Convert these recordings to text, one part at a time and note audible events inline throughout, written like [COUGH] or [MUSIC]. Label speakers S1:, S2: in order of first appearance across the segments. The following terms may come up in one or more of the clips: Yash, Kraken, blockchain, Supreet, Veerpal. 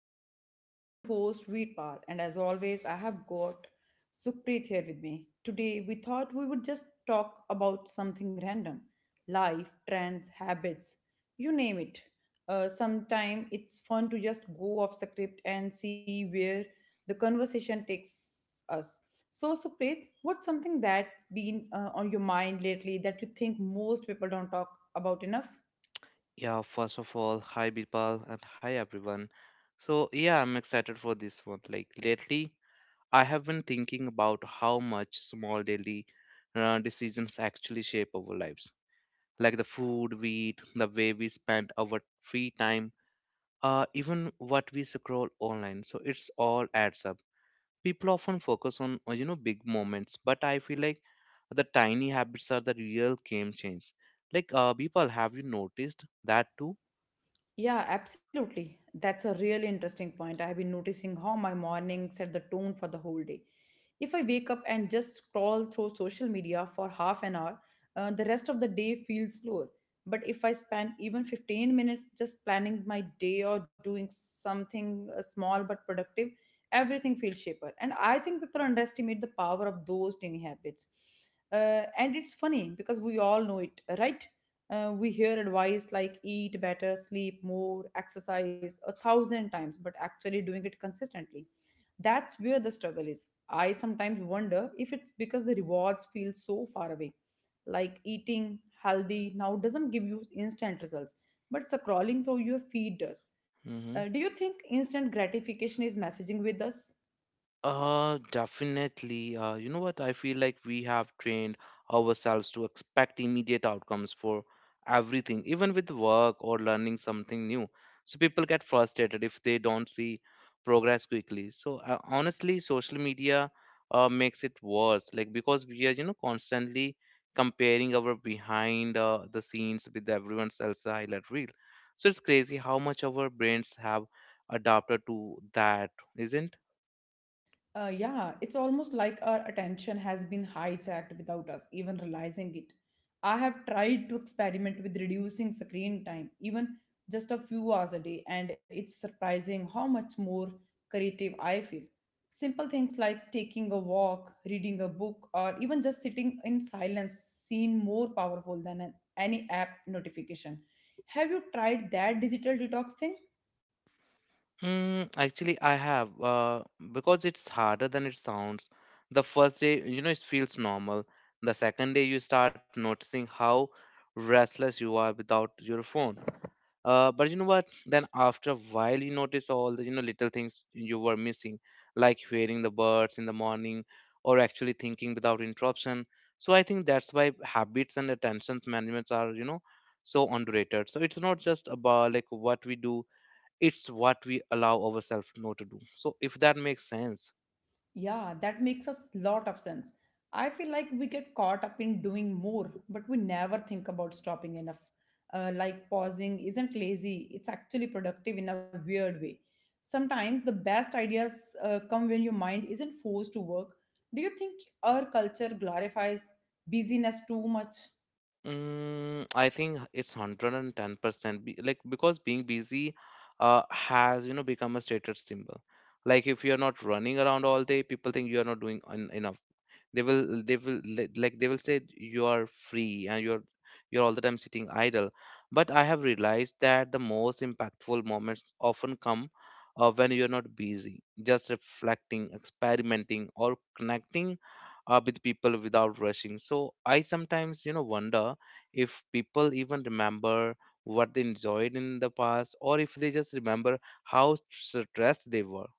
S1: show. I'm your host Veerpal, and as always, I have got Supreet here with me. Today, we thought we would just talk about something random: life, trends, habits, you name it. Sometimes it's fun to just go off script and see where the conversation takes us. So, Supreet, what's something that's been on your mind lately that you think most people don't talk about enough?
S2: Yeah, first of all, hi Birpal and hi everyone. So, yeah, I'm excited for this one. Like, lately, I have been thinking about how much small daily decisions actually shape our lives. Like the food we eat, the way we spend our free time, even what we scroll online. So, it's all adds up. People often focus on, big moments, but I feel like the tiny habits are the real game change. Like, Birpal, have you noticed that too?
S1: Yeah, absolutely. That's a really interesting point. I have been noticing how my morning set the tone for the whole day. If I wake up and just scroll through social media for half an hour, the rest of the day feels slower. But if I spend even 15 minutes just planning my day or doing something small but productive, everything feels shaper. And I think people underestimate the power of those tiny habits. And it's funny because we all know it, right? We hear advice like eat better, sleep more, exercise a thousand times, but actually doing it consistently. That's where the struggle is. I sometimes wonder if it's because the rewards feel so far away. Like eating healthy now doesn't give you instant results, but scrolling through your feed does. Uh,
S2: Hmm.
S1: do you think instant gratification is messaging with us?
S2: Definitely. You know what? I feel like we have trained ourselves to expect immediate outcomes for everything, even with work or learning something new. So people get frustrated if they don't see progress quickly. So honestly, social media makes it worse, like because we are, you know, constantly comparing our behind the scenes with everyone else's highlight reel. So it's crazy how much our brains have adapted to that, isn't?
S1: Yeah, it's almost like our attention has been hijacked without us even realizing it. I have tried to experiment with reducing screen time, even just a few hours a day, and it's surprising how much more creative I feel. Simple things like taking a walk, reading a book, or even just sitting in silence seem more powerful than any app notification. Have you tried that digital detox thing?
S2: Mm, actually, I have because it's harder than it sounds. The first day, you know, it feels normal. The second day, you start noticing how restless you are without your phone. But you know what? Then after a while, you notice all the you know little things you were missing, like hearing the birds in the morning or actually thinking without interruption. So I think that's why habits and attention management are, you know, so underrated. So it's not just about like what we do, it's what we allow ourselves not to do, so if that makes sense.
S1: Yeah, that makes a lot of sense. I feel like we get caught up in doing more, but we never think about stopping enough. Like pausing isn't lazy, it's actually productive in a weird way. Sometimes the best ideas come when your mind isn't forced to work. Do you think our culture glorifies busyness too much?
S2: Mm, I think it's 110% be, like because being busy has, you know, become a status symbol. Like if you're not running around all day, people think you're not doing enough. They will like they will say you are free and you're all the time sitting idle. But I have realized that the most impactful moments often come when you're not busy, just reflecting, experimenting or connecting with people without rushing. So I sometimes, you know, wonder if people even remember what they enjoyed in the past, or if they just remember how stressed they were.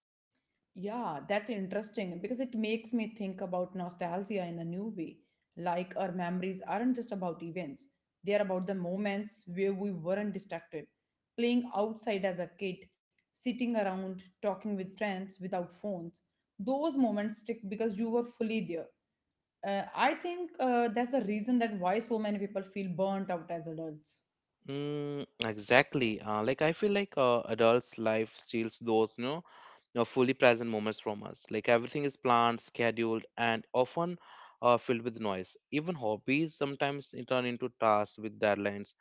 S1: Yeah, that's interesting because it makes me think about nostalgia in a new way. Like our memories aren't just about events, they are about the moments where we weren't distracted. Playing outside as a kid, sitting around, talking with friends without phones. Those moments stick because you were fully there. I think that's the reason that why so many people feel burnt out as adults.
S2: Mm, exactly. Like I feel like adults' life steals those, you know, fully present moments from us. Like everything is planned, scheduled, and often filled with noise. Even hobbies sometimes turn into tasks with deadlines.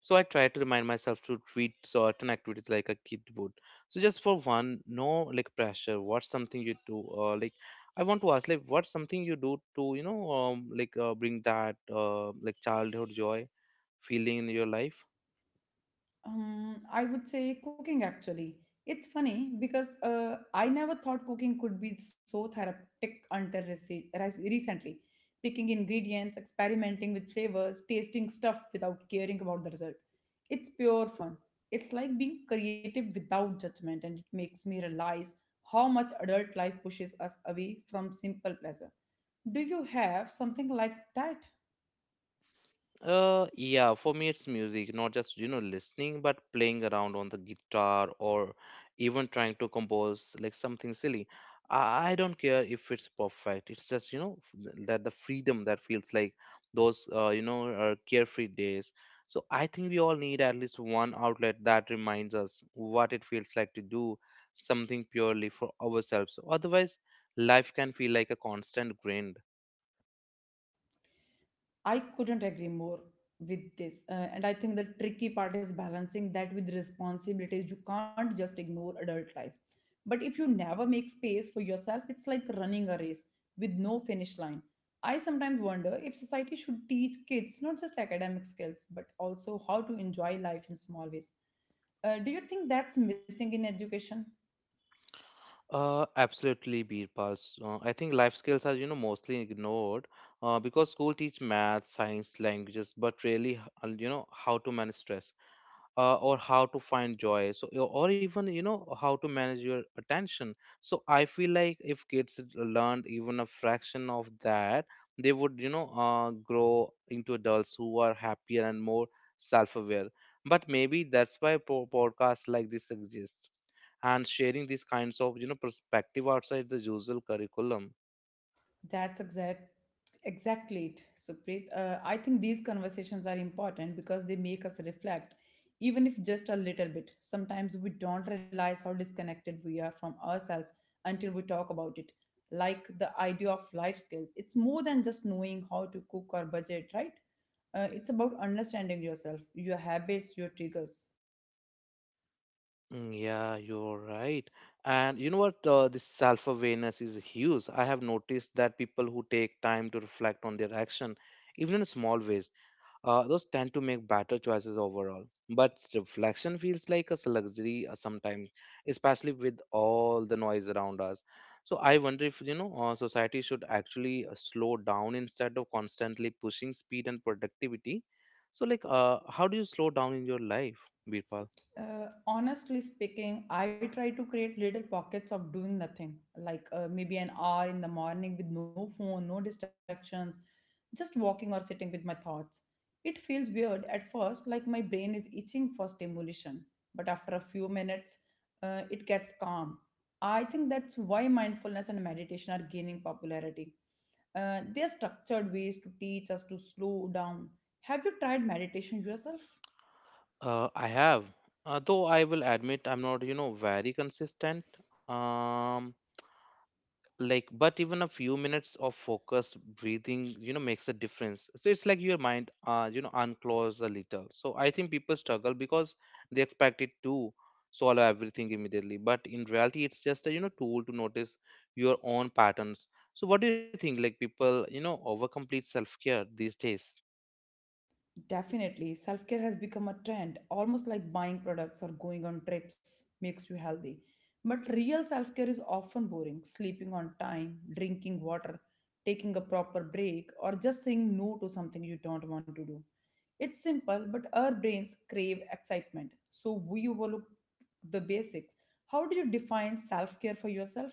S2: So I try to remind myself to treat certain activities like a kid would. So just for one, no like pressure. What's something you do? Like I want to ask, like what's something you do to, you know, like bring that like childhood joy feeling in your life?
S1: I would say cooking actually. It's funny because I never thought cooking could be so therapeutic until recently. Picking ingredients, experimenting with flavors, tasting stuff without caring about the result. It's pure fun. It's like being creative without judgment, and it makes me realize how much adult life pushes us away from simple pleasure. Do you have something like that?
S2: Yeah, for me it's music, not just, you know, listening, but playing around on the guitar or even trying to compose like something silly. I don't care if it's perfect. It's just, you know, that the freedom that feels like those, carefree days. So I think we all need at least one outlet that reminds us what it feels like to do something purely for ourselves. Otherwise, life can feel like a constant grind.
S1: I couldn't agree more with this. And I think the tricky part is balancing that with responsibilities. You can't just ignore adult life. But if you never make space for yourself, it's like running a race with no finish line. I sometimes wonder if society should teach kids not just academic skills, but also how to enjoy life in small ways. Do you think that's missing in education?
S2: Absolutely, Birpal. I think life skills are, you know, mostly ignored because school teach math, science, languages, but really, you know, how to manage stress or how to find joy, so or even, you know, how to manage your attention. So I feel like if kids learned even a fraction of that, they would, you know, grow into adults who are happier and more self-aware. But maybe that's why podcasts like this exist, and sharing these kinds of, you know, perspective outside the usual curriculum.
S1: That's exactly it, Supreet. I think these conversations are important because they make us reflect, even if just a little bit. Sometimes we don't realize how disconnected we are from ourselves until we talk about it. Like the idea of life skills, it's more than just knowing how to cook or budget, right? It's about understanding yourself, your habits, your triggers.
S2: Mm, yeah, you're right. And you know what? This self-awareness is huge. I have noticed that people who take time to reflect on their action, even in small ways, those tend to make better choices overall. But reflection feels like a luxury sometimes, especially with all the noise around us. So I wonder if, society should actually slow down instead of constantly pushing speed and productivity. So, like, how do you slow down in your life, Birpal?
S1: Honestly speaking, I try to create little pockets of doing nothing, like maybe an hour in the morning with no phone, no distractions, just walking or sitting with my thoughts. It feels weird at first, like my brain is itching for stimulation, but after a few minutes, it gets calm. I think that's why mindfulness and meditation are gaining popularity. They are structured ways to teach us to slow down. Have you tried meditation yourself?
S2: I have, though I will admit I'm not, you know, very consistent. Um, like, but even a few minutes of focused breathing, you know, makes a difference. So it's like your mind, you know, uncloses a little. So I think people struggle because they expect it to solve everything immediately. But in reality, it's just a, you know, tool to notice your own patterns. So what do you think? Like people, you know, overcomplete self-care these days?
S1: Definitely, self care has become a trend, almost like buying products or going on trips makes you healthy. But real self care is often boring: sleeping on time, drinking water, taking a proper break, or just saying no to something you don't want to do. It's simple, but our brains crave excitement, so we overlook the basics. How do you define self care for yourself?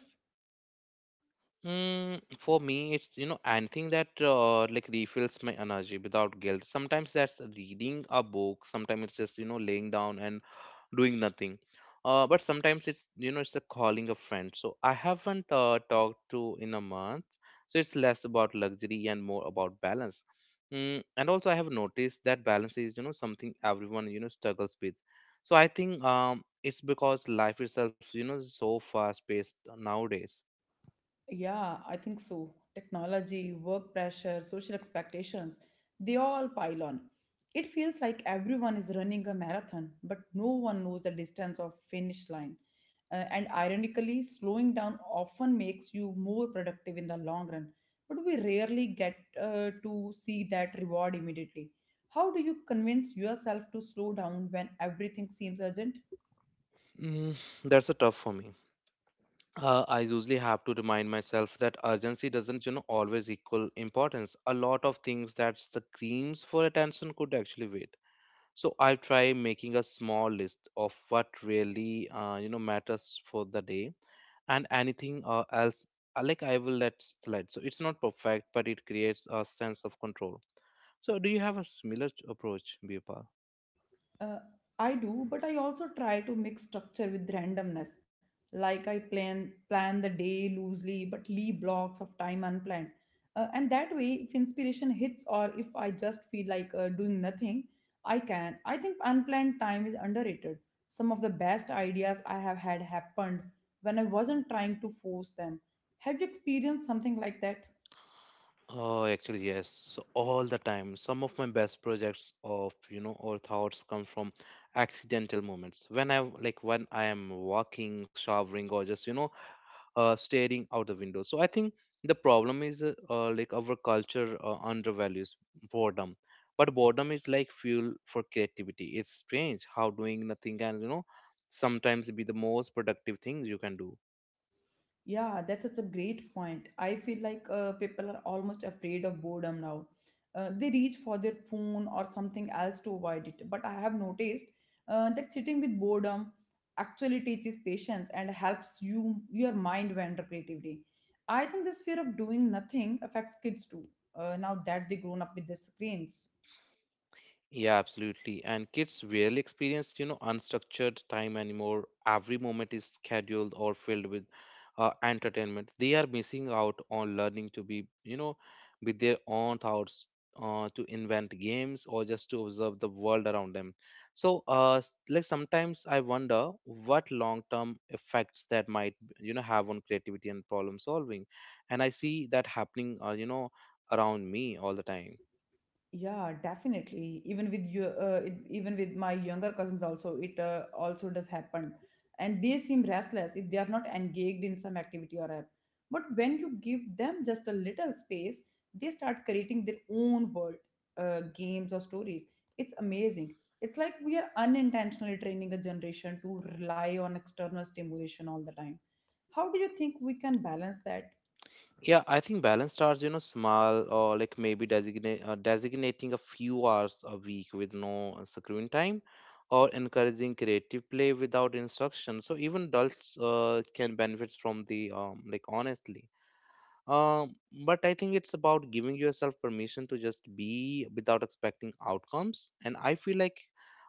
S2: Mm, for me, it's, you know, anything that like refills my energy without guilt. Sometimes that's reading a book. Sometimes it's just, you know, laying down and doing nothing. But sometimes it's, you know, it's a calling a friend. So I haven't talked to in a month. So it's less about luxury and more about balance. Mm, and also I have noticed that balance is, you know, something everyone, you know, struggles with. So I think it's because life itself, you know, is so fast paced nowadays.
S1: Yeah, I think so. Technology, work pressure, social expectations, they all pile on. It feels like everyone is running a marathon, but no one knows the distance of finish line. And ironically, slowing down often makes you more productive in the long run, but we rarely get to see that reward immediately. How do you convince yourself to slow down when everything seems urgent?
S2: Mm, that's a tough for me. I usually have to remind myself that urgency doesn't, you know, always equal importance. A lot of things that's the screams for attention could actually wait. So I try making a small list of what really, you know, matters for the day, and anything else, like I will let slide. So it's not perfect, but it creates a sense of control. So do you have a similar approach, Biopal?
S1: Uh, I do, but I also try to mix structure with randomness. Like I plan the day loosely, but leave blocks of time unplanned. And that way, if inspiration hits or if I just feel like doing nothing, I can. I think unplanned time is underrated. Some of the best ideas I have had happened when I wasn't trying to force them. Have you experienced something like that?
S2: Oh, actually, yes. So all the time, some of my best projects of, you know, or thoughts come from accidental moments. When I like when I am walking, showering, or just, you know, staring out the window. So I think the problem is like our culture undervalues boredom, but boredom is like fuel for creativity. It's strange how doing nothing can, you know, sometimes be the most productive thing you can do.
S1: Yeah, that's such a great point. I feel like people are almost afraid of boredom now. They reach for their phone or something else to avoid it. But I have noticed that sitting with boredom actually teaches patience and helps you your mind wander creatively. I think this fear of doing nothing affects kids too. Now that they grown up with their screens.
S2: Yeah, absolutely. And kids rarely experience, you know, unstructured time anymore. Every moment is scheduled or filled with entertainment. They are missing out on learning to be, you know, with their own thoughts, to invent games or just to observe the world around them. So, like sometimes I wonder what long-term effects that might, you know, have on creativity and problem solving. And I see that happening, you know, around me all the time.
S1: Yeah, definitely. Even with you, even with my younger cousins, also it also does happen, and they seem restless if they are not engaged in some activity or app. But when you give them just a little space, they start creating their own world, games or stories. It's amazing. It's like we are unintentionally training a generation to rely on external stimulation all the time. How do you think we can balance that?
S2: Yeah, I think balanced hours, you know, small or like maybe designate designating a few hours a week with no screen time, or encouraging creative play without instruction. So even adults can benefit from the like honestly. Um, but I think it's about giving yourself permission to just be without expecting outcomes. And I feel like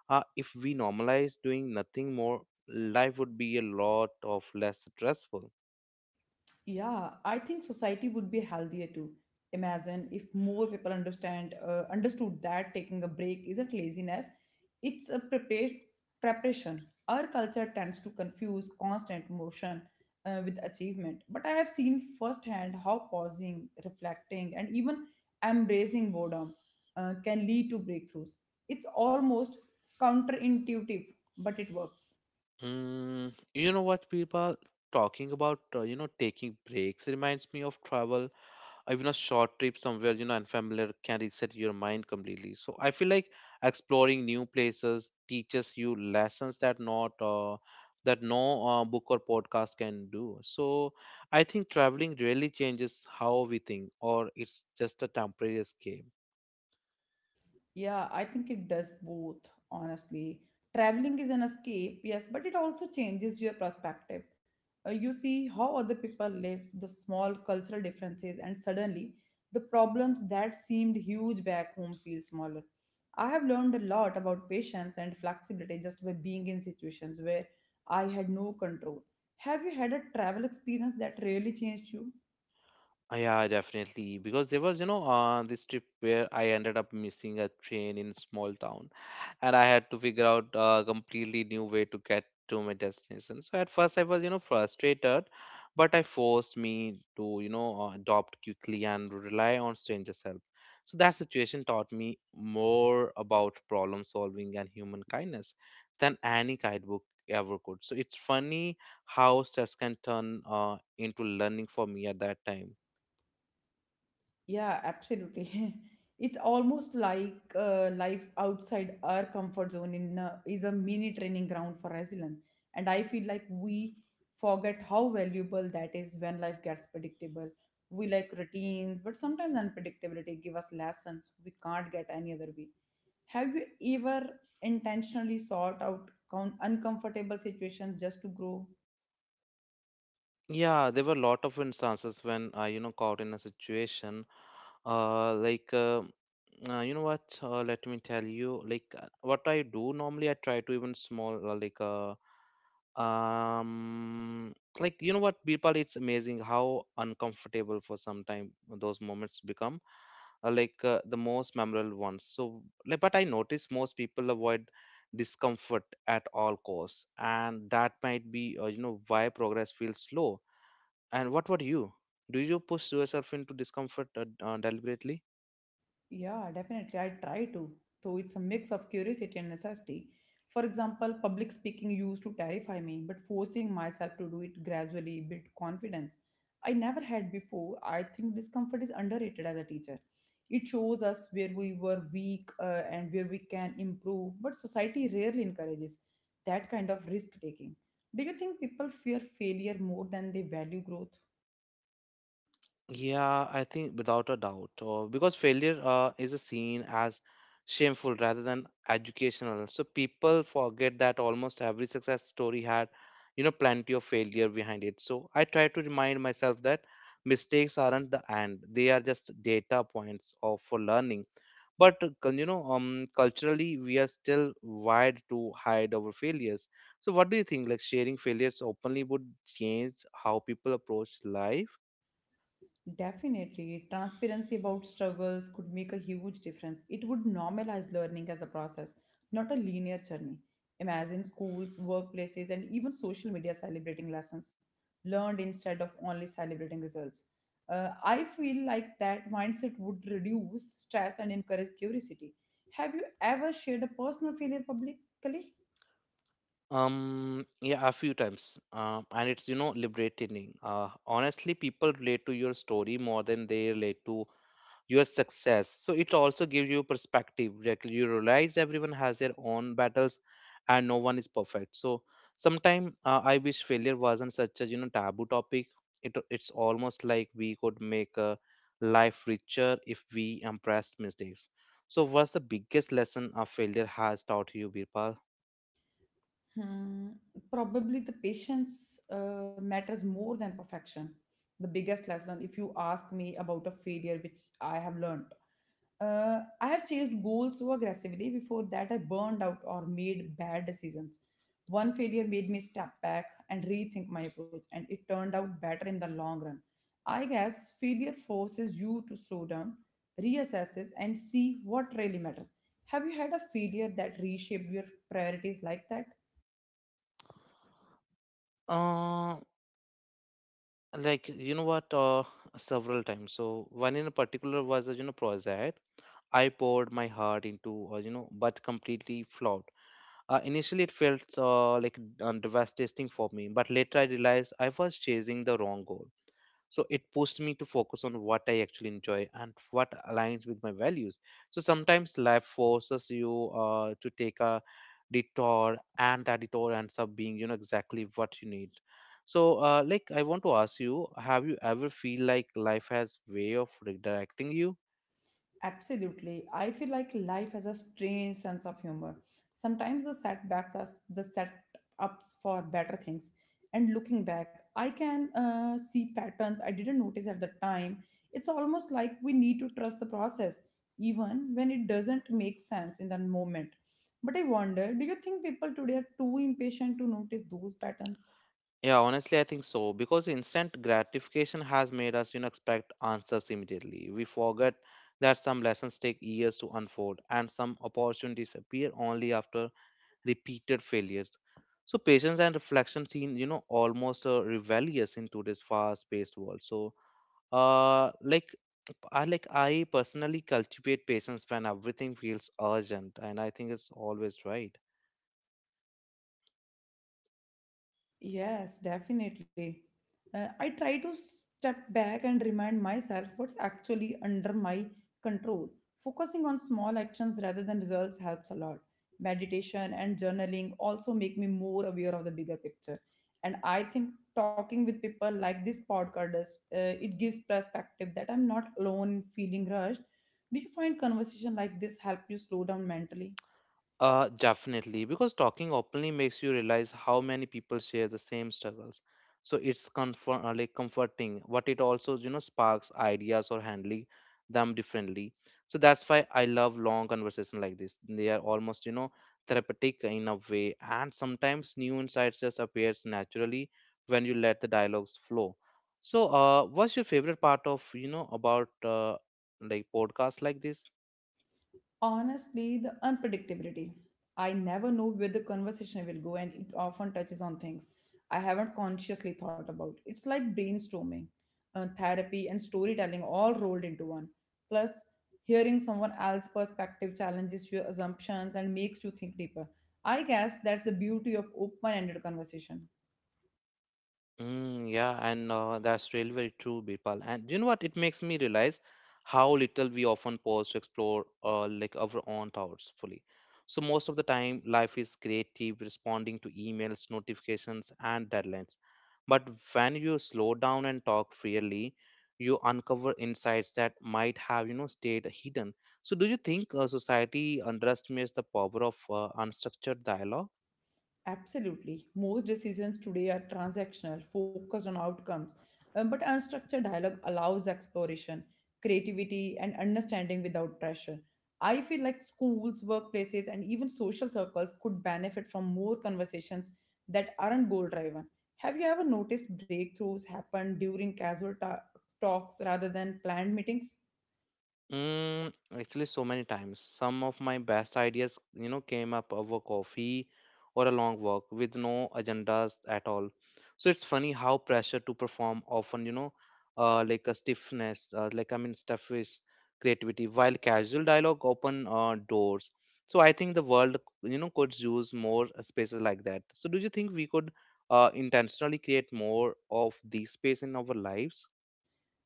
S2: if we normalize doing nothing more, life would be a lot of less stressful.
S1: Yeah, I think society would be healthier too. Imagine if more people understand understood that taking a break isn't laziness, it's a preparation. Our culture tends to confuse constant motion with achievement, but I have seen firsthand how pausing, reflecting, and even embracing boredom can lead to breakthroughs. It's almost counterintuitive, but it works.
S2: Mm, you know what, people talking about you know taking breaks reminds me of travel. Even a short trip somewhere, you know, unfamiliar can reset your mind completely. So I feel like exploring new places teaches you lessons that not that no book or podcast can do. So I think traveling really changes how we think, or it's just a temporary escape.
S1: Yeah, I think it does both, honestly. Traveling is an escape, yes, but it also changes your perspective. You see how other people live, the small cultural differences, and suddenly the problems that seemed huge back home feel smaller. I have learned a lot about patience and flexibility just by being in situations where I had no control. Have you had a travel experience that really changed you?
S2: Yeah, definitely. Because there was, you know, this trip where I ended up missing a train in small town, and I had to figure out a completely new way to get to my destination. So at first I was, you know, frustrated, but I forced me to, you know, adopt quickly and rely on strangers' help. So that situation taught me more about problem solving and human kindness than any guidebook ever could. So it's funny how stress can turn into learning for me at that time.
S1: Yeah, absolutely. [LAUGHS] It's almost like life outside our comfort zone in is a mini training ground for resilience. And I feel like we forget how valuable that is when life gets predictable. We like routines, but sometimes unpredictability give us lessons we can't get any other way. Have you ever intentionally sought out count uncomfortable situations just to grow?
S2: Yeah, there were a lot of instances when I, you know, caught in a situation like. You know what? Let me tell you, like what I do normally, I try to even small, um, like you know what, people, it's amazing how uncomfortable for some time those moments become, the most memorable ones. So, like, but I notice most people avoid discomfort at all costs, and that might be, you know, why progress feels slow. And what about you? Do you push yourself into discomfort deliberately?
S1: Yeah, definitely. I try to. So it's a mix of curiosity and necessity. For example, public speaking used to terrify me, but forcing myself to do it gradually built confidence I never had before. I think discomfort is underrated as a teacher. It shows us where we were weak and where we can improve, but society rarely encourages that kind of risk taking. Do you think people fear failure more than they value growth?
S2: Yeah, I think without a doubt, because failure is a seen as shameful rather than educational. So people forget that almost every success story had, you know, plenty of failure behind it. So I try to remind myself that mistakes aren't the end; they are just data points of for learning. But culturally, we are still wired to hide our failures. So what do you think? Like sharing failures openly would change how people approach life?
S1: Definitely, transparency about struggles could make a huge difference. It would normalize learning as a process, not a linear journey. Imagine schools, workplaces, and even social media celebrating lessons learned instead of only celebrating results. I feel like that mindset would reduce stress and encourage curiosity. Have you ever shared a personal failure publicly?
S2: Yeah, a few times. And it's liberating. Honestly, people relate to your story more than they relate to your success. So it also gives you perspective. Like you realize everyone has their own battles and no one is perfect. So sometimes I wish failure wasn't such a, taboo topic. It's almost like we could make a life richer if we embraced mistakes. So what's the biggest lesson a failure has taught you, Birpal?
S1: Hmm. Probably the patience matters more than perfection. The biggest lesson, if you ask me about a failure which I have learned, I have chased goals so aggressively before that I burned out or made bad decisions. One failure made me step back and rethink my approach, and it turned out better in the long run. I guess failure forces you to slow down, reassess, and see what really matters. Have you had a failure that reshaped your priorities like that?
S2: Like you know what Several times. So one in particular was a project I poured my heart into, but completely flopped. Initially it felt devastating for me, but later I realized I was chasing the wrong goal. So it pushed me to focus on what I actually enjoy and what aligns with my values. So sometimes life forces you to take a detour, and that detour ends up being exactly what you need. So I want to ask you, have you ever feel like life has way of redirecting you?
S1: Absolutely. I feel like life has a strange sense of humor. Sometimes the setbacks are the setups for better things. And looking back, I can see patterns I didn't notice at the time. It's almost like we need to trust the process, even when it doesn't make sense in that moment. But I wonder, do you think people today are too impatient to notice those patterns?
S2: Yeah, honestly I think so, because instant gratification has made us, expect answers immediately. We forget that some lessons take years to unfold, and some opportunities appear only after repeated failures. So patience and reflection seem, almost rebellious in today's fast-paced world. So, uh, like I personally cultivate patience when everything feels urgent, and I think it's always right.
S1: Yes, definitely. I try to step back and remind myself what's actually under my control. Focusing on small actions rather than results helps a lot. Meditation and journaling also make me more aware of the bigger picture. And I think talking with people like this podcast, it gives perspective that I'm not alone in feeling rushed. Do you find conversation like this help you slow down mentally?
S2: Definitely, because talking openly makes you realize how many people share the same struggles. So it's comforting, but it also, sparks ideas or handling them differently. So that's why I love long conversation like this. They are almost, therapeutic in a way, and sometimes new insights just appears naturally when you let the dialogues flow. So, what's your favorite part of about podcasts like this?
S1: Honestly, the unpredictability. I never know where the conversation will go, and it often touches on things I haven't consciously thought about. It's like brainstorming, therapy, and storytelling all rolled into one. Plus, hearing someone else's perspective challenges your assumptions and makes you think deeper. I guess that's the beauty of open ended conversation.
S2: Mm, yeah, and that's really very true, Birpal. And you know what? It makes me realize how little we often pause to explore our own thoughts fully. So most of the time, life is creative, responding to emails, notifications, and deadlines. But when you slow down and talk freely, you uncover insights that might have, stayed hidden. So do you think society underestimates the power of unstructured dialogue?
S1: Absolutely. Most decisions today are transactional, focused on outcomes. But unstructured dialogue allows exploration, creativity, and understanding without pressure. I feel like schools, workplaces, and even social circles could benefit from more conversations that aren't goal driven. Have you ever noticed breakthroughs happen during talks rather than planned meetings?
S2: Mm, actually, so many times. Some of my best ideas, came up over coffee or a long walk with no agendas at all. So it's funny how pressure to perform often, a stiffness, stiffish creativity, while casual dialogue open doors. So I think the world, could use more spaces like that. So do you think we could intentionally create more of these space in our lives?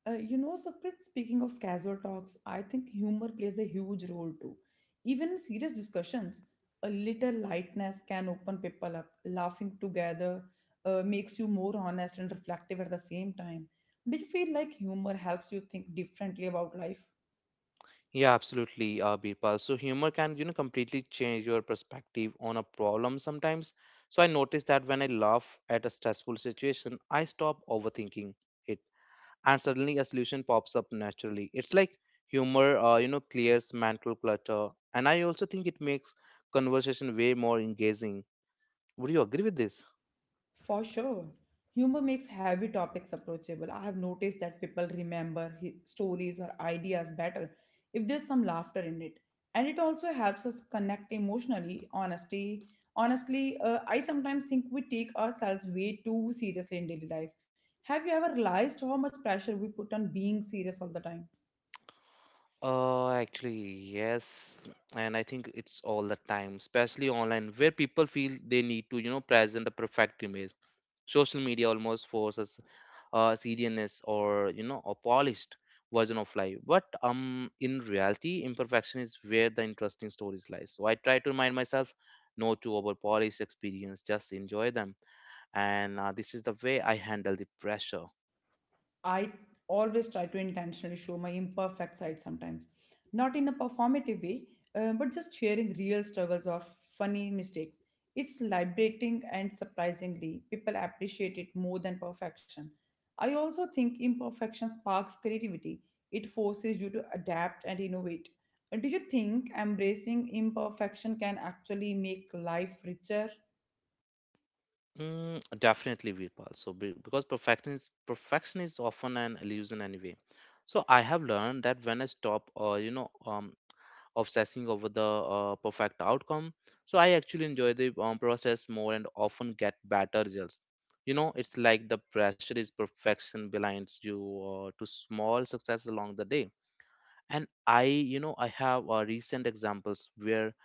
S1: You know, Saprit, speaking of casual talks, I think humor plays a huge role too. Even in serious discussions, a little lightness can open people up. Laughing together makes you more honest and reflective at the same time. Do you feel like humor helps you think differently about life?
S2: Yeah, absolutely, Birpal. So humor can, completely change your perspective on a problem sometimes. So I notice that when I laugh at a stressful situation, I stop overthinking it, and suddenly a solution pops up naturally. It's like humor, clears mental clutter, and I also think it makes conversation way more engaging. Would you agree with this?
S1: For sure. Humor makes heavy topics approachable. I have noticed that people remember stories or ideas better if there's some laughter in it. And it also helps us connect emotionally, honestly. Honestly, I sometimes think we take ourselves way too seriously in daily life. Have you ever realized how much pressure we put on being serious all the time?
S2: Actually, yes, and I think it's all the time, especially online, where people feel they need to, present the perfect image. Social media almost forces seriousness or a polished version of life, but in reality imperfection is where the interesting stories lies. So I try to remind myself not to over polish experience, just enjoy them. And this is the way I handle the pressure.
S1: I always try to intentionally show my imperfect side sometimes, not in a performative way, but just sharing real struggles or funny mistakes. It's liberating and, surprisingly, people appreciate it more than perfection. I also think imperfection sparks creativity, it forces you to adapt and innovate. Do you think embracing imperfection can actually make life richer?
S2: Mm, definitely, Virpal. Because perfection is often an illusion anyway. So, I have learned that when I stop, obsessing over the perfect outcome, so I actually enjoy the process more and often get better results. You know, it's like the pressure is perfection blinds you to small success along the day. And I, I have recent examples where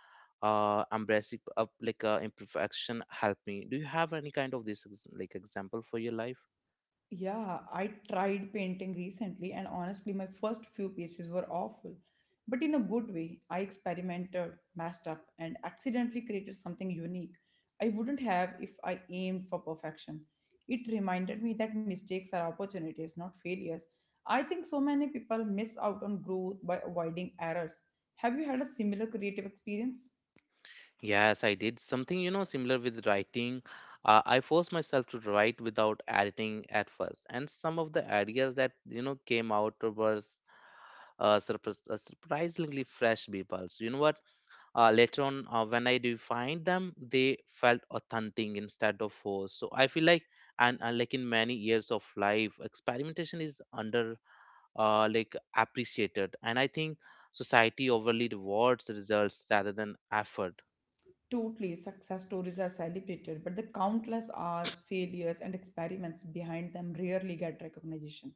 S2: embracing up like imperfection help me. Do you have any kind of this example for your life?
S1: Yeah, I tried painting recently, and honestly, my first few pieces were awful. But in a good way, I experimented, messed up, and accidentally created something unique I wouldn't have if I aimed for perfection. It reminded me that mistakes are opportunities, not failures. I think so many people miss out on growth by avoiding errors. Have you had a similar creative experience?
S2: Yes, I did something, similar with writing. I forced myself to write without editing at first, and some of the ideas that, came out were surprisingly fresh peoples. You know what, later on, when I refined them, they felt authentic instead of forced. So I feel like, and in many years of life experimentation is underappreciated like appreciated, and I think society overly rewards results rather than effort.
S1: Totally, success stories are celebrated, but the countless hours, failures, and experiments behind them rarely get recognition.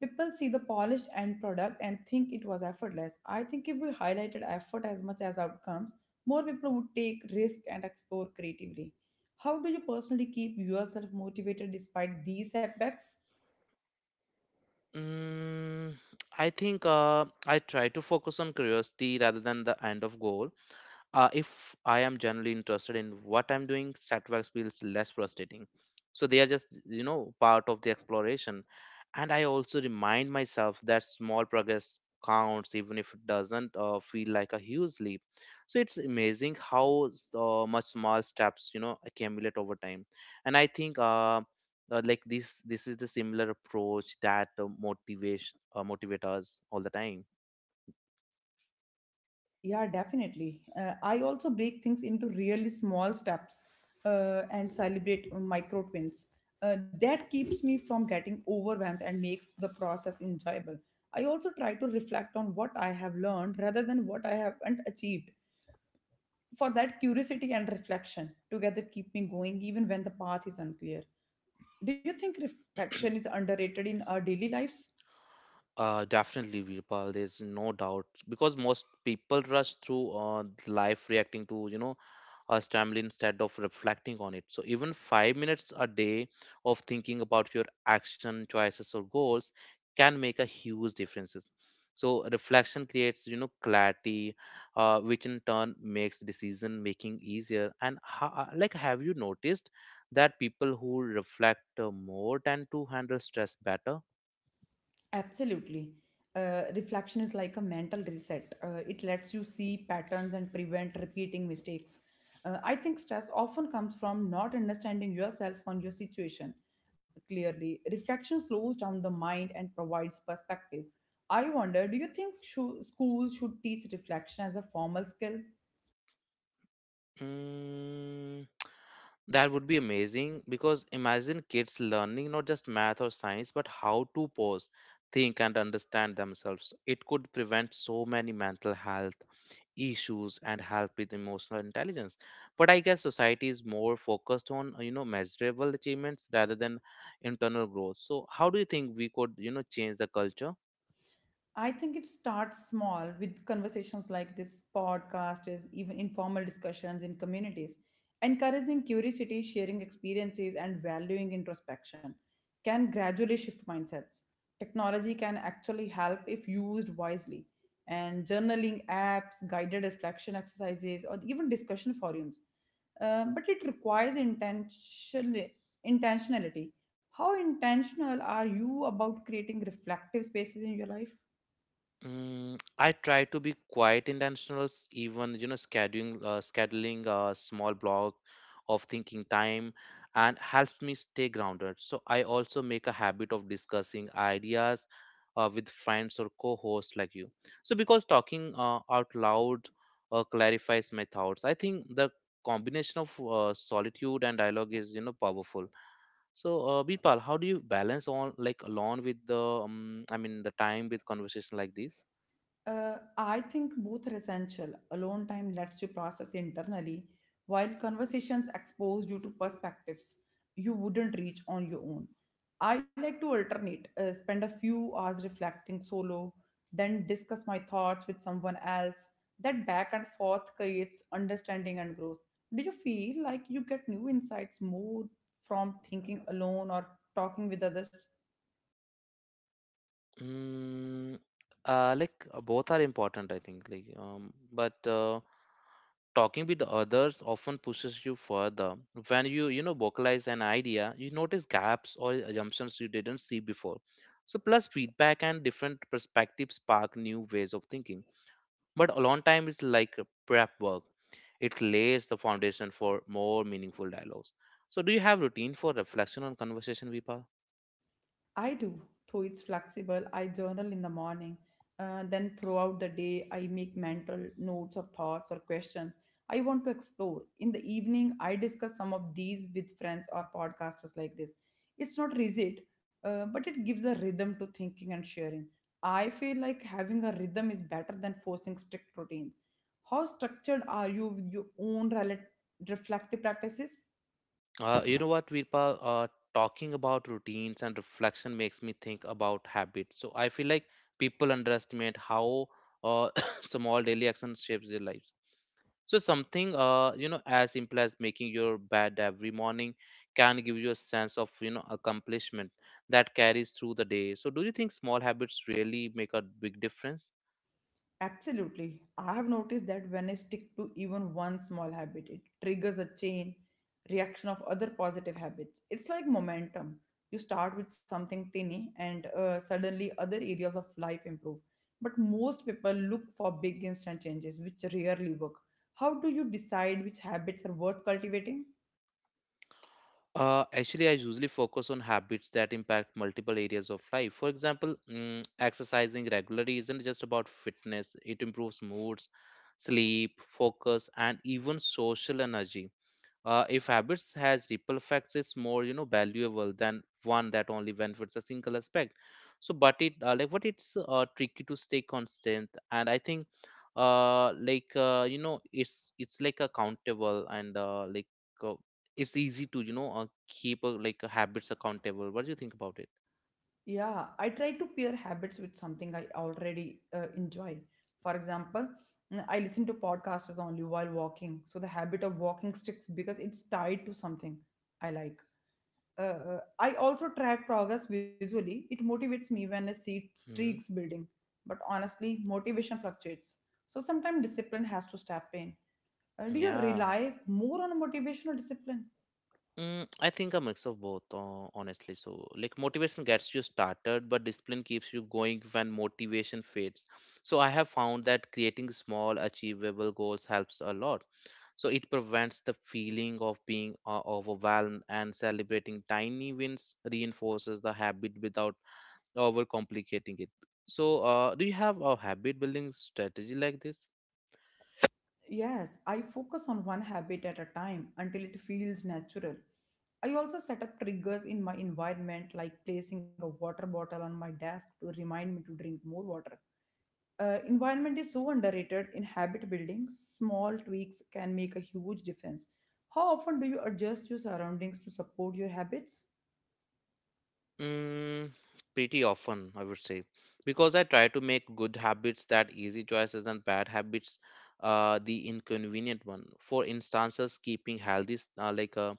S1: People see the polished end product and think it was effortless. I think if we highlighted effort as much as outcomes, more people would take risk and explore creatively. How do you personally keep yourself motivated despite these setbacks?
S2: Mm, I think I try to focus on curiosity rather than the end of goal. If I am generally interested in what I'm doing, setbacks feels less frustrating. So they are just, part of the exploration. And I also remind myself that small progress counts even if it doesn't feel like a huge leap. So it's amazing how much small steps, accumulate over time. And I think, this is the similar approach that motivation motivate us all the time.
S1: Yeah, definitely. I also break things into really small steps and celebrate micro wins. That keeps me from getting overwhelmed and makes the process enjoyable. I also try to reflect on what I have learned rather than what I haven't achieved. For that, curiosity and reflection together keep me going even when the path is unclear. Do you think reflection is underrated in our daily lives?
S2: Definitely, Virpal. There's no doubt, because most people rush through life reacting to, a stumble instead of reflecting on it. So even 5 minutes a day of thinking about your action choices or goals can make a huge differences. So reflection creates, clarity, which in turn makes decision making easier. Have you noticed that people who reflect more tend to handle stress better?
S1: Absolutely. Reflection is like a mental reset. It lets you see patterns and prevent repeating mistakes. I think stress often comes from not understanding yourself on your situation clearly. Reflection slows down the mind and provides perspective. I wonder, do you think sho schools should teach reflection as a formal skill?
S2: Mm, that would be amazing, because imagine kids learning not just math or science, but how to pause, think, and understand themselves. It could prevent so many mental health issues and help with emotional intelligence. But I guess society is more focused on, measurable achievements rather than internal growth. So, how do you think we could, change the culture?
S1: I think it starts small with conversations like this podcast, is even informal discussions in communities. Encouraging curiosity, sharing experiences, and valuing introspection can gradually shift mindsets. Technology can actually help if used wisely, and journaling apps, guided reflection exercises, or even discussion forums. But it requires intentionality. How intentional are you about creating reflective spaces in your life?
S2: Mm, I try to be quite intentional, even, scheduling a small block of thinking time, and helps me stay grounded. So I also make a habit of discussing ideas with friends or co-hosts like you. So because talking out loud clarifies my thoughts. I think the combination of solitude and dialogue is, powerful. So Birpal, how do you balance on like alone with the the time with conversation like this?
S1: I think both are essential. Alone time lets you process internally, while conversations expose you to perspectives you wouldn't reach on your own. I like to alternate, spend a few hours reflecting solo, then discuss my thoughts with someone else. That back and forth creates understanding and growth. Do you feel like you get new insights more from thinking alone or talking with others?
S2: Mm, Both are important, I think. Like, but Talking with the others often pushes you further. When you, vocalize an idea, you notice gaps or assumptions you didn't see before. So, plus feedback and different perspectives spark new ways of thinking. But alone time is like a prep work. It lays the foundation for more meaningful dialogues. So, do you have routine for reflection on conversation, Vipa?
S1: I do, though it's flexible. I journal in the morning. Then throughout the day, I make mental notes of thoughts or questions I want to explore. In the evening, I discuss some of these with friends or podcasters like this. It's not rigid, but it gives a rhythm to thinking and sharing. I feel like having a rhythm is better than forcing strict routines. How structured are you with your own reflective practices?
S2: Virpa, talking about routines and reflection makes me think about habits. So I feel like people underestimate how uh, [COUGHS] small daily actions shapes their lives. So something, as simple as making your bed every morning can give you a sense of, accomplishment that carries through the day. So do you think small habits really make a big difference?
S1: Absolutely. I have noticed that when I stick to even one small habit, it triggers a chain reaction of other positive habits. It's like momentum. You start with something tiny, and suddenly other areas of life improve. But most people look for big instant changes, which rarely work. How do you decide which habits are worth cultivating?
S2: Actually, I usually focus on habits that impact multiple areas of life. For example, exercising regularly isn't just about fitness, it improves moods, sleep, focus, and even social energy. If habits has ripple effects is more, valuable than one that only benefits a single aspect. So but it like what it's tricky to stay constant. And I think it's like accountable and uh, it's easy to, keep, habits accountable. What do you think about it?
S1: Yeah, I try to pair habits with something I already enjoy. For example, I listen to podcasts only while walking. So the habit of walking sticks because it's tied to something I like. I also track progress visually. It motivates me when I see streaks
S2: hmm
S1: building. But honestly, motivation fluctuates. So sometimes discipline has to step in. Do you
S2: yeah
S1: rely more on motivation or discipline?
S2: Mm, I think a mix of both, honestly. So, like, motivation gets you started, but discipline keeps you going when motivation fades. So, I have found that creating small, achievable goals helps a lot. So, it prevents the feeling of being overwhelmed, and celebrating tiny wins reinforces the habit without overcomplicating it. So, do you have a habit building strategy like this?
S1: Yes, I focus on one habit at a time until it feels natural. I also set up triggers in my environment, like placing a water bottle on my desk to remind me to drink more water. Environment is so underrated in habit building, small tweaks can make a huge difference. How often do you adjust your surroundings to support your habits?
S2: Mm, pretty often, I would say, because I try to make good habits that easy choices and bad habits, the inconvenient one. For instances, keeping healthy s- uh, like uh,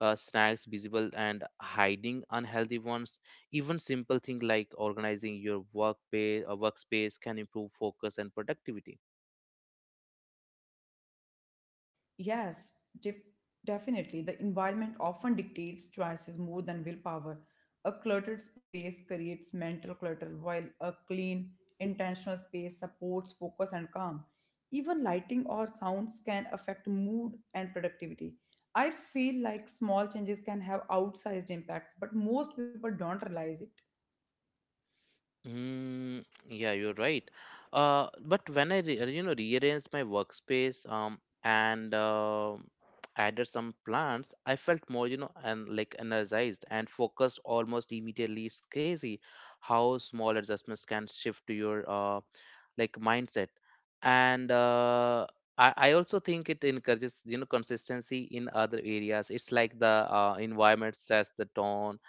S2: uh, snacks visible and hiding unhealthy ones. Even simple thing like organizing your workspace can improve focus and productivity.
S1: Yes, def- definitely. The environment often dictates choices more than willpower. A cluttered space creates mental clutter, while a clean, intentional space supports focus and calm. Even lighting or sounds can affect mood and productivity. I feel like small changes can have outsized impacts, but most people don't realize it.
S2: Yeah, you're right. But when I rearranged my workspace and [TSK] added some plants, I felt more you know and like energized and focused almost immediately. It's crazy how small adjustments can shift to your mindset. And I also think it encourages consistency in other areas. It's like the environment sets the tone.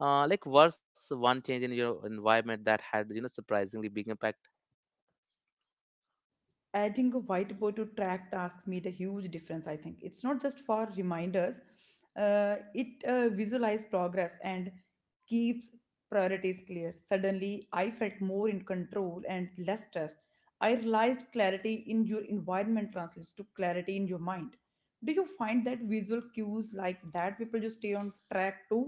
S2: Was one change in your environment that had surprisingly big impact?
S1: Adding a whiteboard to track tasks made a huge difference. I think it's not just for reminders, it visualize progress and keeps priorities clear. Suddenly I felt more in control and less stressed. I realized clarity in your environment translates to clarity in your mind. Do you find that visual cues like that people just stay on track too?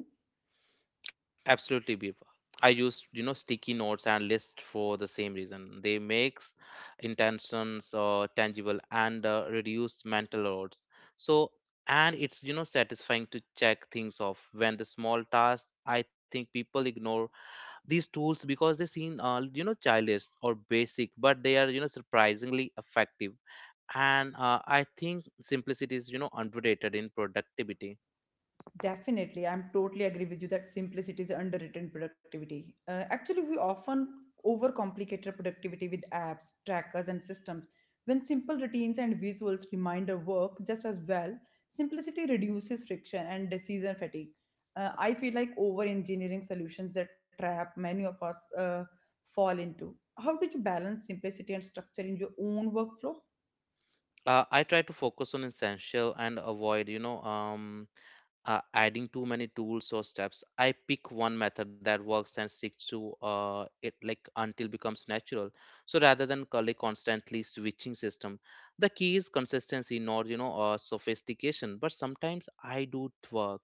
S2: Absolutely, Bipa. I used sticky notes and lists for the same reason. They makes intentions tangible and reduce mental loads. So, and it's satisfying to check things off when the small tasks. I think people ignore these tools because they seem childish or basic, but they are, surprisingly effective. And I think simplicity is, underrated in productivity.
S1: Definitely, I'm totally agree with you that simplicity is underwritten productivity. Actually, we often overcomplicate our productivity with apps, trackers, and systems. When simple routines and visuals reminder work just as well, simplicity reduces friction and decision fatigue. I feel like over engineering solutions that trap many of us fall into. How did you balance simplicity and structure in your own workflow?
S2: I try to focus on essential and avoid adding too many tools or steps. I pick one method that works and stick to it, like, until becomes natural. So, rather than constantly switching system, the key is consistency, not, sophistication. But sometimes I do work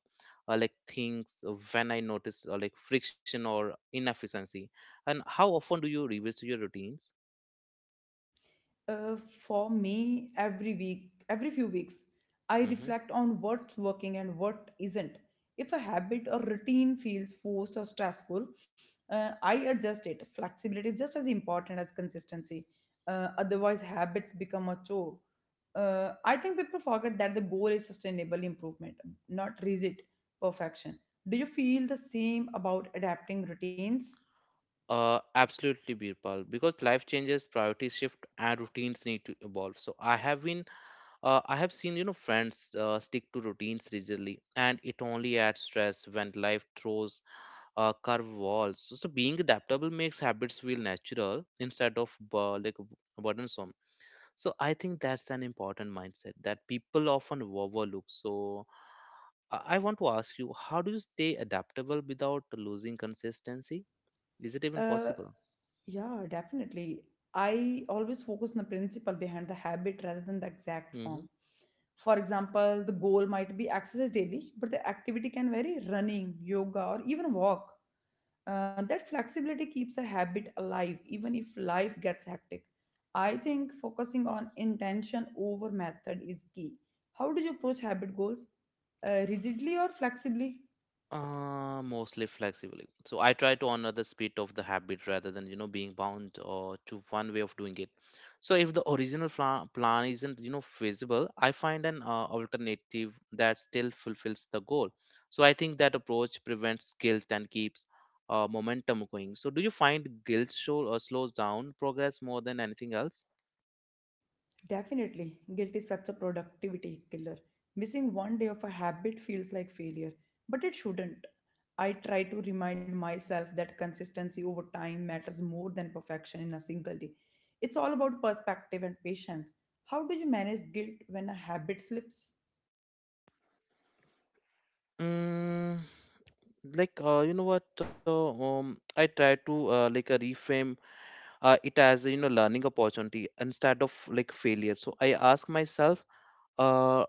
S2: like things when I notice, like, friction or inefficiency. And how often do you revisit your routines?
S1: For me, every week, every few weeks, I
S2: Hmm.
S1: reflect on what's working and what isn't. If a habit or routine feels forced or stressful, I adjust it. Flexibility is just as important as consistency. Otherwise, habits become a chore. I think people forget that the goal is sustainable improvement, not rigid perfection. Do you feel the same about adapting routines?
S2: Absolutely, Birpal, because life changes, priorities shift, and routines need to evolve. So I have seen, you know, friends stick to routines rigidly, and it only adds stress when life throws curve walls. So being adaptable makes habits feel natural instead of burdensome. So, I think that's an important mindset that people often overlook. So, I want to ask you, how do you stay adaptable without losing consistency? Is it even
S1: Uh,
S2: possible?
S1: Yeah, definitely. I always focus on the principle behind the habit rather than the exact
S2: Mm-hmm.
S1: form. For example, the goal might be exercise daily, but the activity can vary running, yoga, or even walk. That flexibility keeps a habit alive even if life gets hectic. I think focusing on intention over method is key. How do you approach habit goals? Rigidly or flexibly?
S2: Mostly flexibly. So I try to honor the spirit of the habit rather than, being bound or to one way of doing it. So if the original plan isn't, feasible, I find an alternative that still fulfills the goal. So I think that approach prevents guilt and keeps momentum going. So do you find guilt show or slows down progress more than anything else?
S1: Definitely, guilt is such a productivity killer. Missing one day of a habit feels like failure, but it shouldn't. I try to remind myself that consistency over time matters more than perfection in a single day. It's all about perspective and patience. How do you manage guilt when a habit slips?
S2: Mm, like you know what? I try to reframe it as, learning opportunity instead of like failure. So I ask myself uh,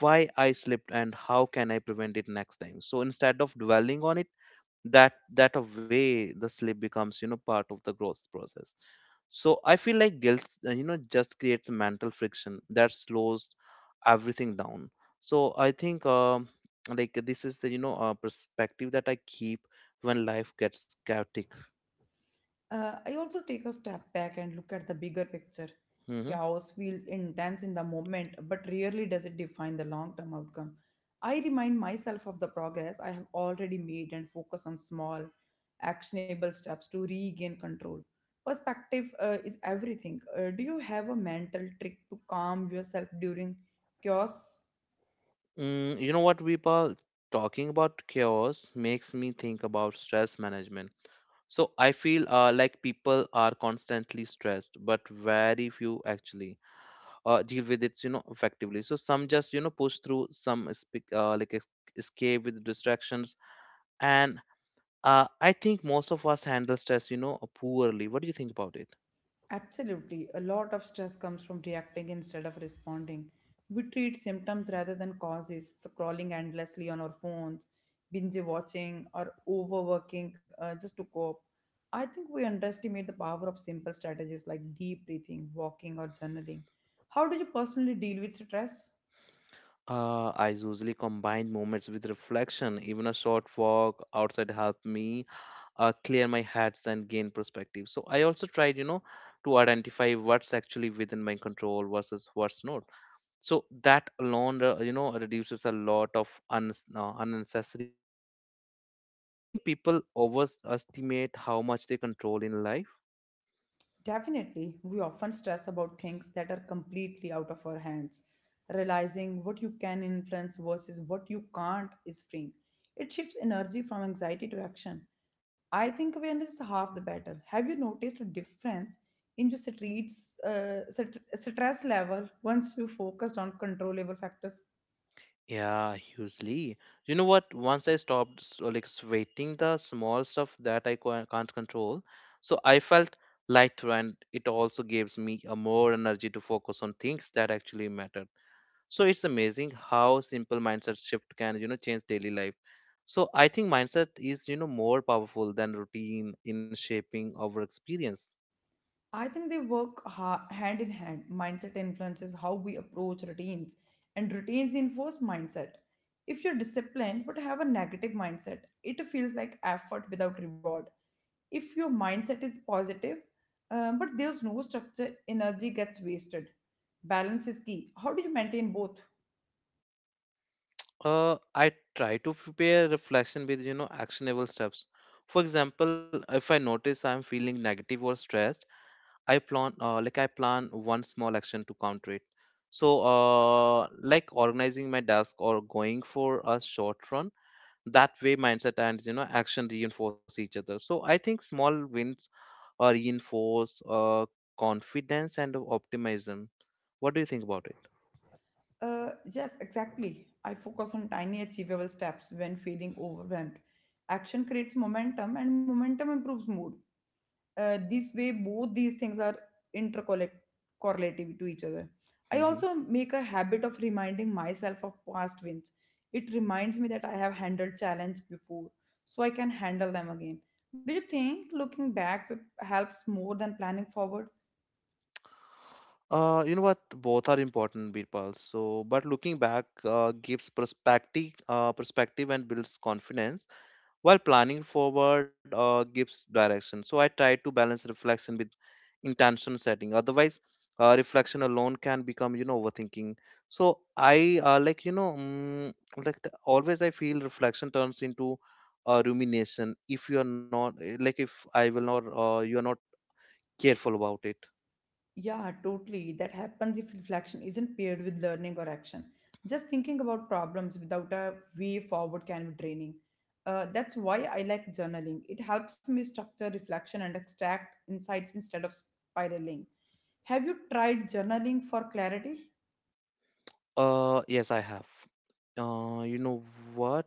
S2: why I slipped and how can I prevent it next time. So instead of dwelling on it, that a way the slip becomes, part of the growth process. So I feel like guilt, just creates mental friction that slows everything down. So I think this is the, perspective that I keep when life gets chaotic.
S1: I also take a step back and look at the bigger picture.
S2: Mm-hmm.
S1: Chaos feels intense in the moment, but rarely does it define the long term outcome. I remind myself of the progress I have already made and focus on small, actionable steps to regain control. Perspective is everything. Do you have a mental trick to calm yourself during chaos?
S2: Mm, you know what, Vipal? Talking about chaos makes me think about stress management. So I feel like people are constantly stressed, but very few actually deal with it, you know, effectively. So some just, you know, push through, some escape with distractions, and I think most of us handle stress, you know, poorly. What do you think about it?
S1: Absolutely. A lot of stress comes from reacting instead of responding. We treat symptoms rather than causes, scrolling endlessly on our phones, binge watching, or overworking just to cope. I think we underestimate the power of simple strategies like deep breathing, walking, or journaling. How do you personally deal with stress?
S2: I usually combine moments with reflection. Even a short walk outside help me clear my heads and gain perspective. So I also tried, you know, to identify what's actually within my control versus what's not. So that alone, reduces a lot of unnecessary worry. So do you think people overestimate how much they control in life?
S1: Definitely, we often stress about things that are completely out of our hands. Realizing what you can influence versus what you can't is freeing. It shifts energy from anxiety to action. I think awareness is half the battle. Have you noticed a difference in your stress level once you focused on controllable factors?
S2: Yeah, hugely. You know what? Once I stopped sweating the small stuff that I can't control, so I felt lighter, and it also gives me a more energy to focus on things that actually matter. So it's amazing how simple mindset shift can, you know, change daily life. So I think mindset is, you know, more powerful than routine in shaping our experience.
S1: I think they work hand in hand. Mindset influences how we approach routines, and routines enforce mindset. If you're disciplined but have a negative mindset, it feels like effort without reward. If your mindset is positive, but there's no structure, energy gets wasted. Balance is key. How do you maintain both?
S2: I try to pair reflection with, you know, actionable steps. For example, if I notice I'm feeling negative or stressed, I plan, I plan one small action to counter it. So, organizing my desk or going for a short run. That way, mindset and, action reinforce each other. So I think small wins reinforce confidence and optimism. What do you think about it?
S1: Yes, exactly. I focus on tiny achievable steps when feeling overwhelmed. Action creates momentum, and momentum improves mood. This way, both these things are intercorrelative correlative to each other. I
S2: Hmm.
S1: also make a habit of reminding myself of past wins. It reminds me that I have handled challenge before, so I can handle them again. Do you think looking back helps more than planning forward?
S2: You know what? Both are important, Birpal. So, but looking back gives perspective and builds confidence, while planning forward gives direction. So I try to balance reflection with intention setting. Otherwise reflection alone can become, overthinking. So I always I feel reflection turns into rumination if you are not eh, like if I will not you are not careful about it.
S1: Yeah, totally. That happens if reflection isn't paired with learning or action. Just thinking about problems without a way forward can be draining. That's why I like journaling. It helps me structure reflection and extract insights instead of spiraling. Have you tried journaling for clarity?
S2: Yes, I have. You know what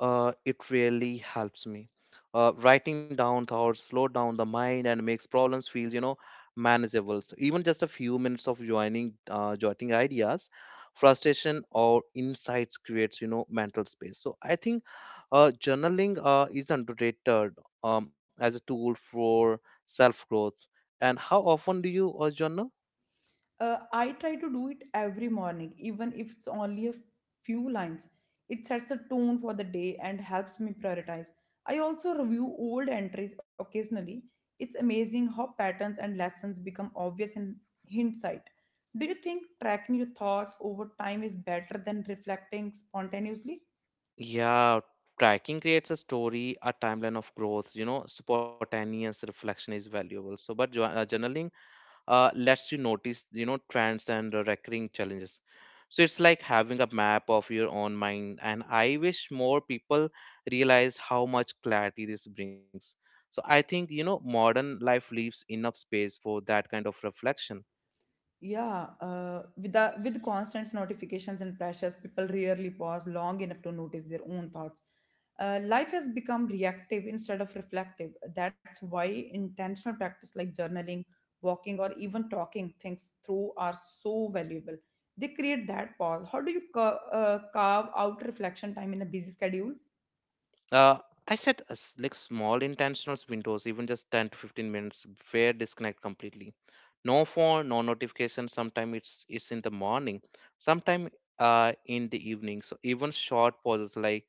S2: It really helps me. Writing down thoughts slow down the mind and makes problems feel, you know, manageable. So even just a few minutes of jotting ideas, frustration or insights creates, you know, mental space. So I think journaling is underrated as a tool for self growth. And how often do you journal?
S1: I try to do it every morning, even if it's only a few lines. It sets a tone for the day and helps me prioritize. I also review old entries occasionally. It's amazing how patterns and lessons become obvious in hindsight. Do you think tracking your thoughts over time is better than reflecting spontaneously?
S2: Yeah, tracking creates a story, a timeline of growth. You know, spontaneous reflection is valuable. So, but journaling lets you notice, you know, trends and recurring challenges. So it's like having a map of your own mind. And I wish more people realize how much clarity this brings. So I think, you know, modern life leaves enough space for that kind of reflection.
S1: Yeah, with constant notifications and pressures, people rarely pause long enough to notice their own thoughts. Life has become reactive instead of reflective. That's why intentional practice like journaling, walking, or even talking things through are so valuable. They create that pause. How do you carve out reflection time in a busy schedule?
S2: Uh, I set as like small intentional windows, even just 10 to 15 minutes, where disconnect completely. No phone, no notification. Sometimes it's in the morning, sometimes in the evening. So even short pauses like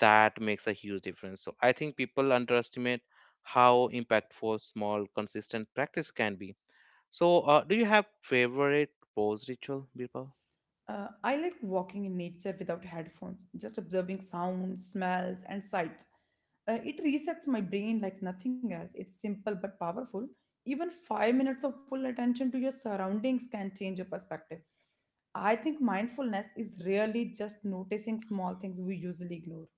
S2: that makes a huge difference. So I think people underestimate how impactful small consistent practice can be. So do you have favorite pause ritual, Birpal?
S1: I like walking in nature without headphones, just observing sounds, smells, and sights. It resets my brain like nothing else. It's simple but powerful. Even 5 minutes of full attention to your surroundings can change your perspective. I think mindfulness is really just noticing small things we usually ignore.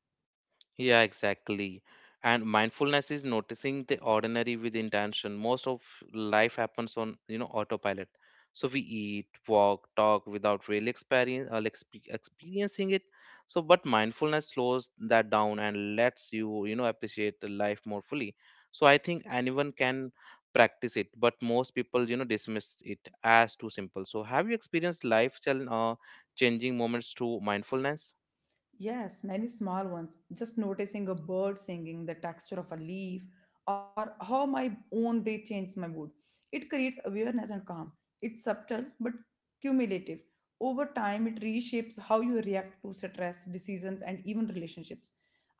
S2: Yeah, exactly. And mindfulness is noticing the ordinary with intention. Most of life happens on, you know, autopilot. So we eat, walk, talk without really experiencing it. So, but mindfulness slows that down and lets you, you know, appreciate the life more fully. So I think anyone can practice it, but most people, you know, dismiss it as too simple. So have you experienced changing moments through mindfulness?
S1: Yes, many small ones. Just noticing a bird singing, the texture of a leaf, or how my own breath changes my mood. It creates awareness and calm. It's subtle but cumulative. Over time, it reshapes how you react to stress, decisions, and even relationships.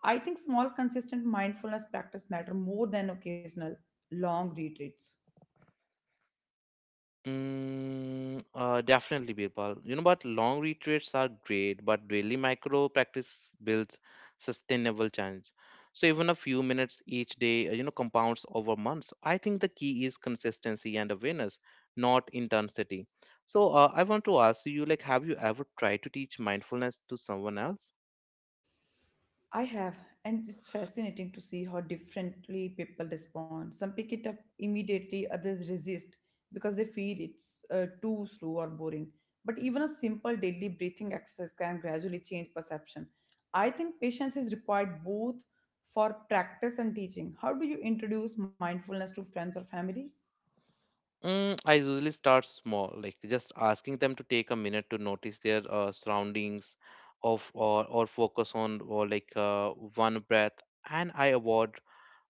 S1: I think small, consistent mindfulness practice matter more than occasional long retreats.
S2: Definitely, Birpal. You know, but long retreats are great, but daily micro practice builds sustainable change. So even a few minutes each day, compounds over months. I think the key is consistency and awareness, not intensity. So I want to ask you, like, have you ever tried to teach mindfulness to someone else?
S1: I have, and it's fascinating to see how differently people respond. Some pick it up immediately, others resist because they feel it's too slow or boring. But even a simple daily breathing exercise can gradually change perception. I think patience is required both for practice and teaching. How do you introduce mindfulness to friends or family?
S2: I usually start small, like just asking them to take a minute to notice their surroundings, of or focus on or like one breath. And I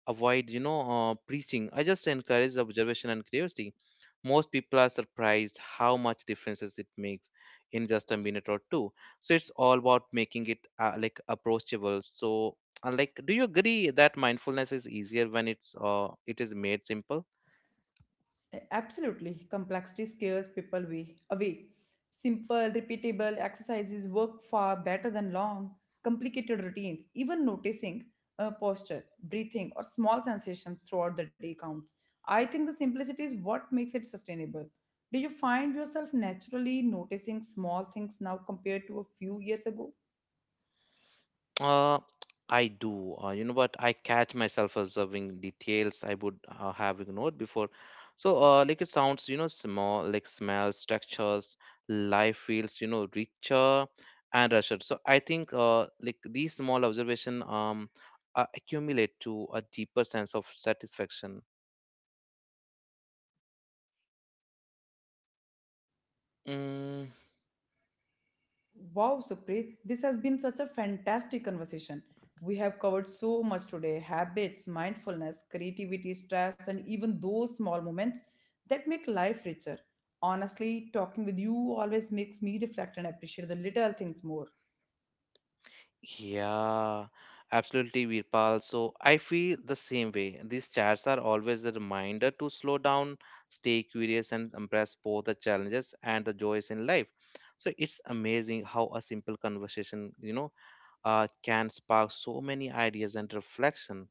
S2: avoid, preaching. I just encourage observation and curiosity. Most people are surprised how much differences it makes in just a minute or two. So it's all about making it approachable. So, do you agree that mindfulness is easier when it is made simple?
S1: Absolutely. Complexity scares people away. Simple, repeatable exercises work far better than long, complicated routines. Even noticing posture, breathing, or small sensations throughout the day counts. I think the simplicity is what makes it sustainable. Do you find yourself naturally noticing small things now compared to a few years ago?
S2: Uh, I do. You know, but I catch myself observing details I would have ignored before. So, it sounds, you know, small, like smells, textures, life feels, you know, richer and richer. So, I think, these small observation, accumulate to a deeper sense of satisfaction. Mm.
S1: Wow, Supreet, this has been such a fantastic conversation. We have covered so much today: habits, mindfulness, creativity, stress, and even those small moments that make life richer. Honestly, talking with you always makes me reflect and appreciate the little things more.
S2: Yeah, absolutely, Virpal. So I feel the same way. These chats are always a reminder to slow down, stay curious, and embrace both the challenges and the joys in life. So it's amazing how a simple conversation, you know, can spark so many ideas and reflection.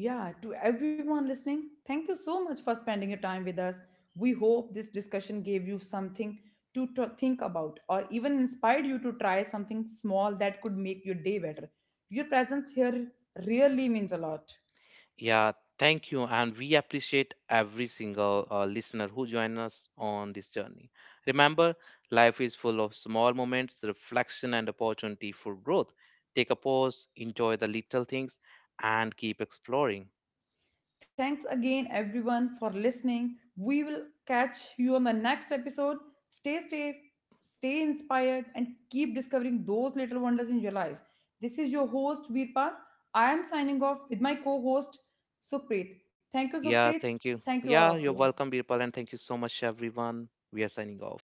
S1: Yeah, to everyone listening, thank you so much for spending your time with us. We hope this discussion gave you something to think about, or even inspired you to try something small that could make your day better. Your presence here really means a lot.
S2: Yeah, thank you. And we appreciate every single listener who join us on this journey. Remember, life is full of small moments, reflection, and opportunity for growth. Take a pause, enjoy the little things, and keep exploring.
S1: Thanks again, everyone, for listening. We will catch you on the next episode. Stay safe, stay inspired, and keep discovering those little wonders in your life. This is your host, Veerpal. I am signing off with my co host, Supreet. Thank you, Supreet.
S2: Yeah, thank you.
S1: Thank you, all of
S2: Yeah, you're
S1: you.
S2: welcome, Birpal, and thank you so much, everyone. We are signing off.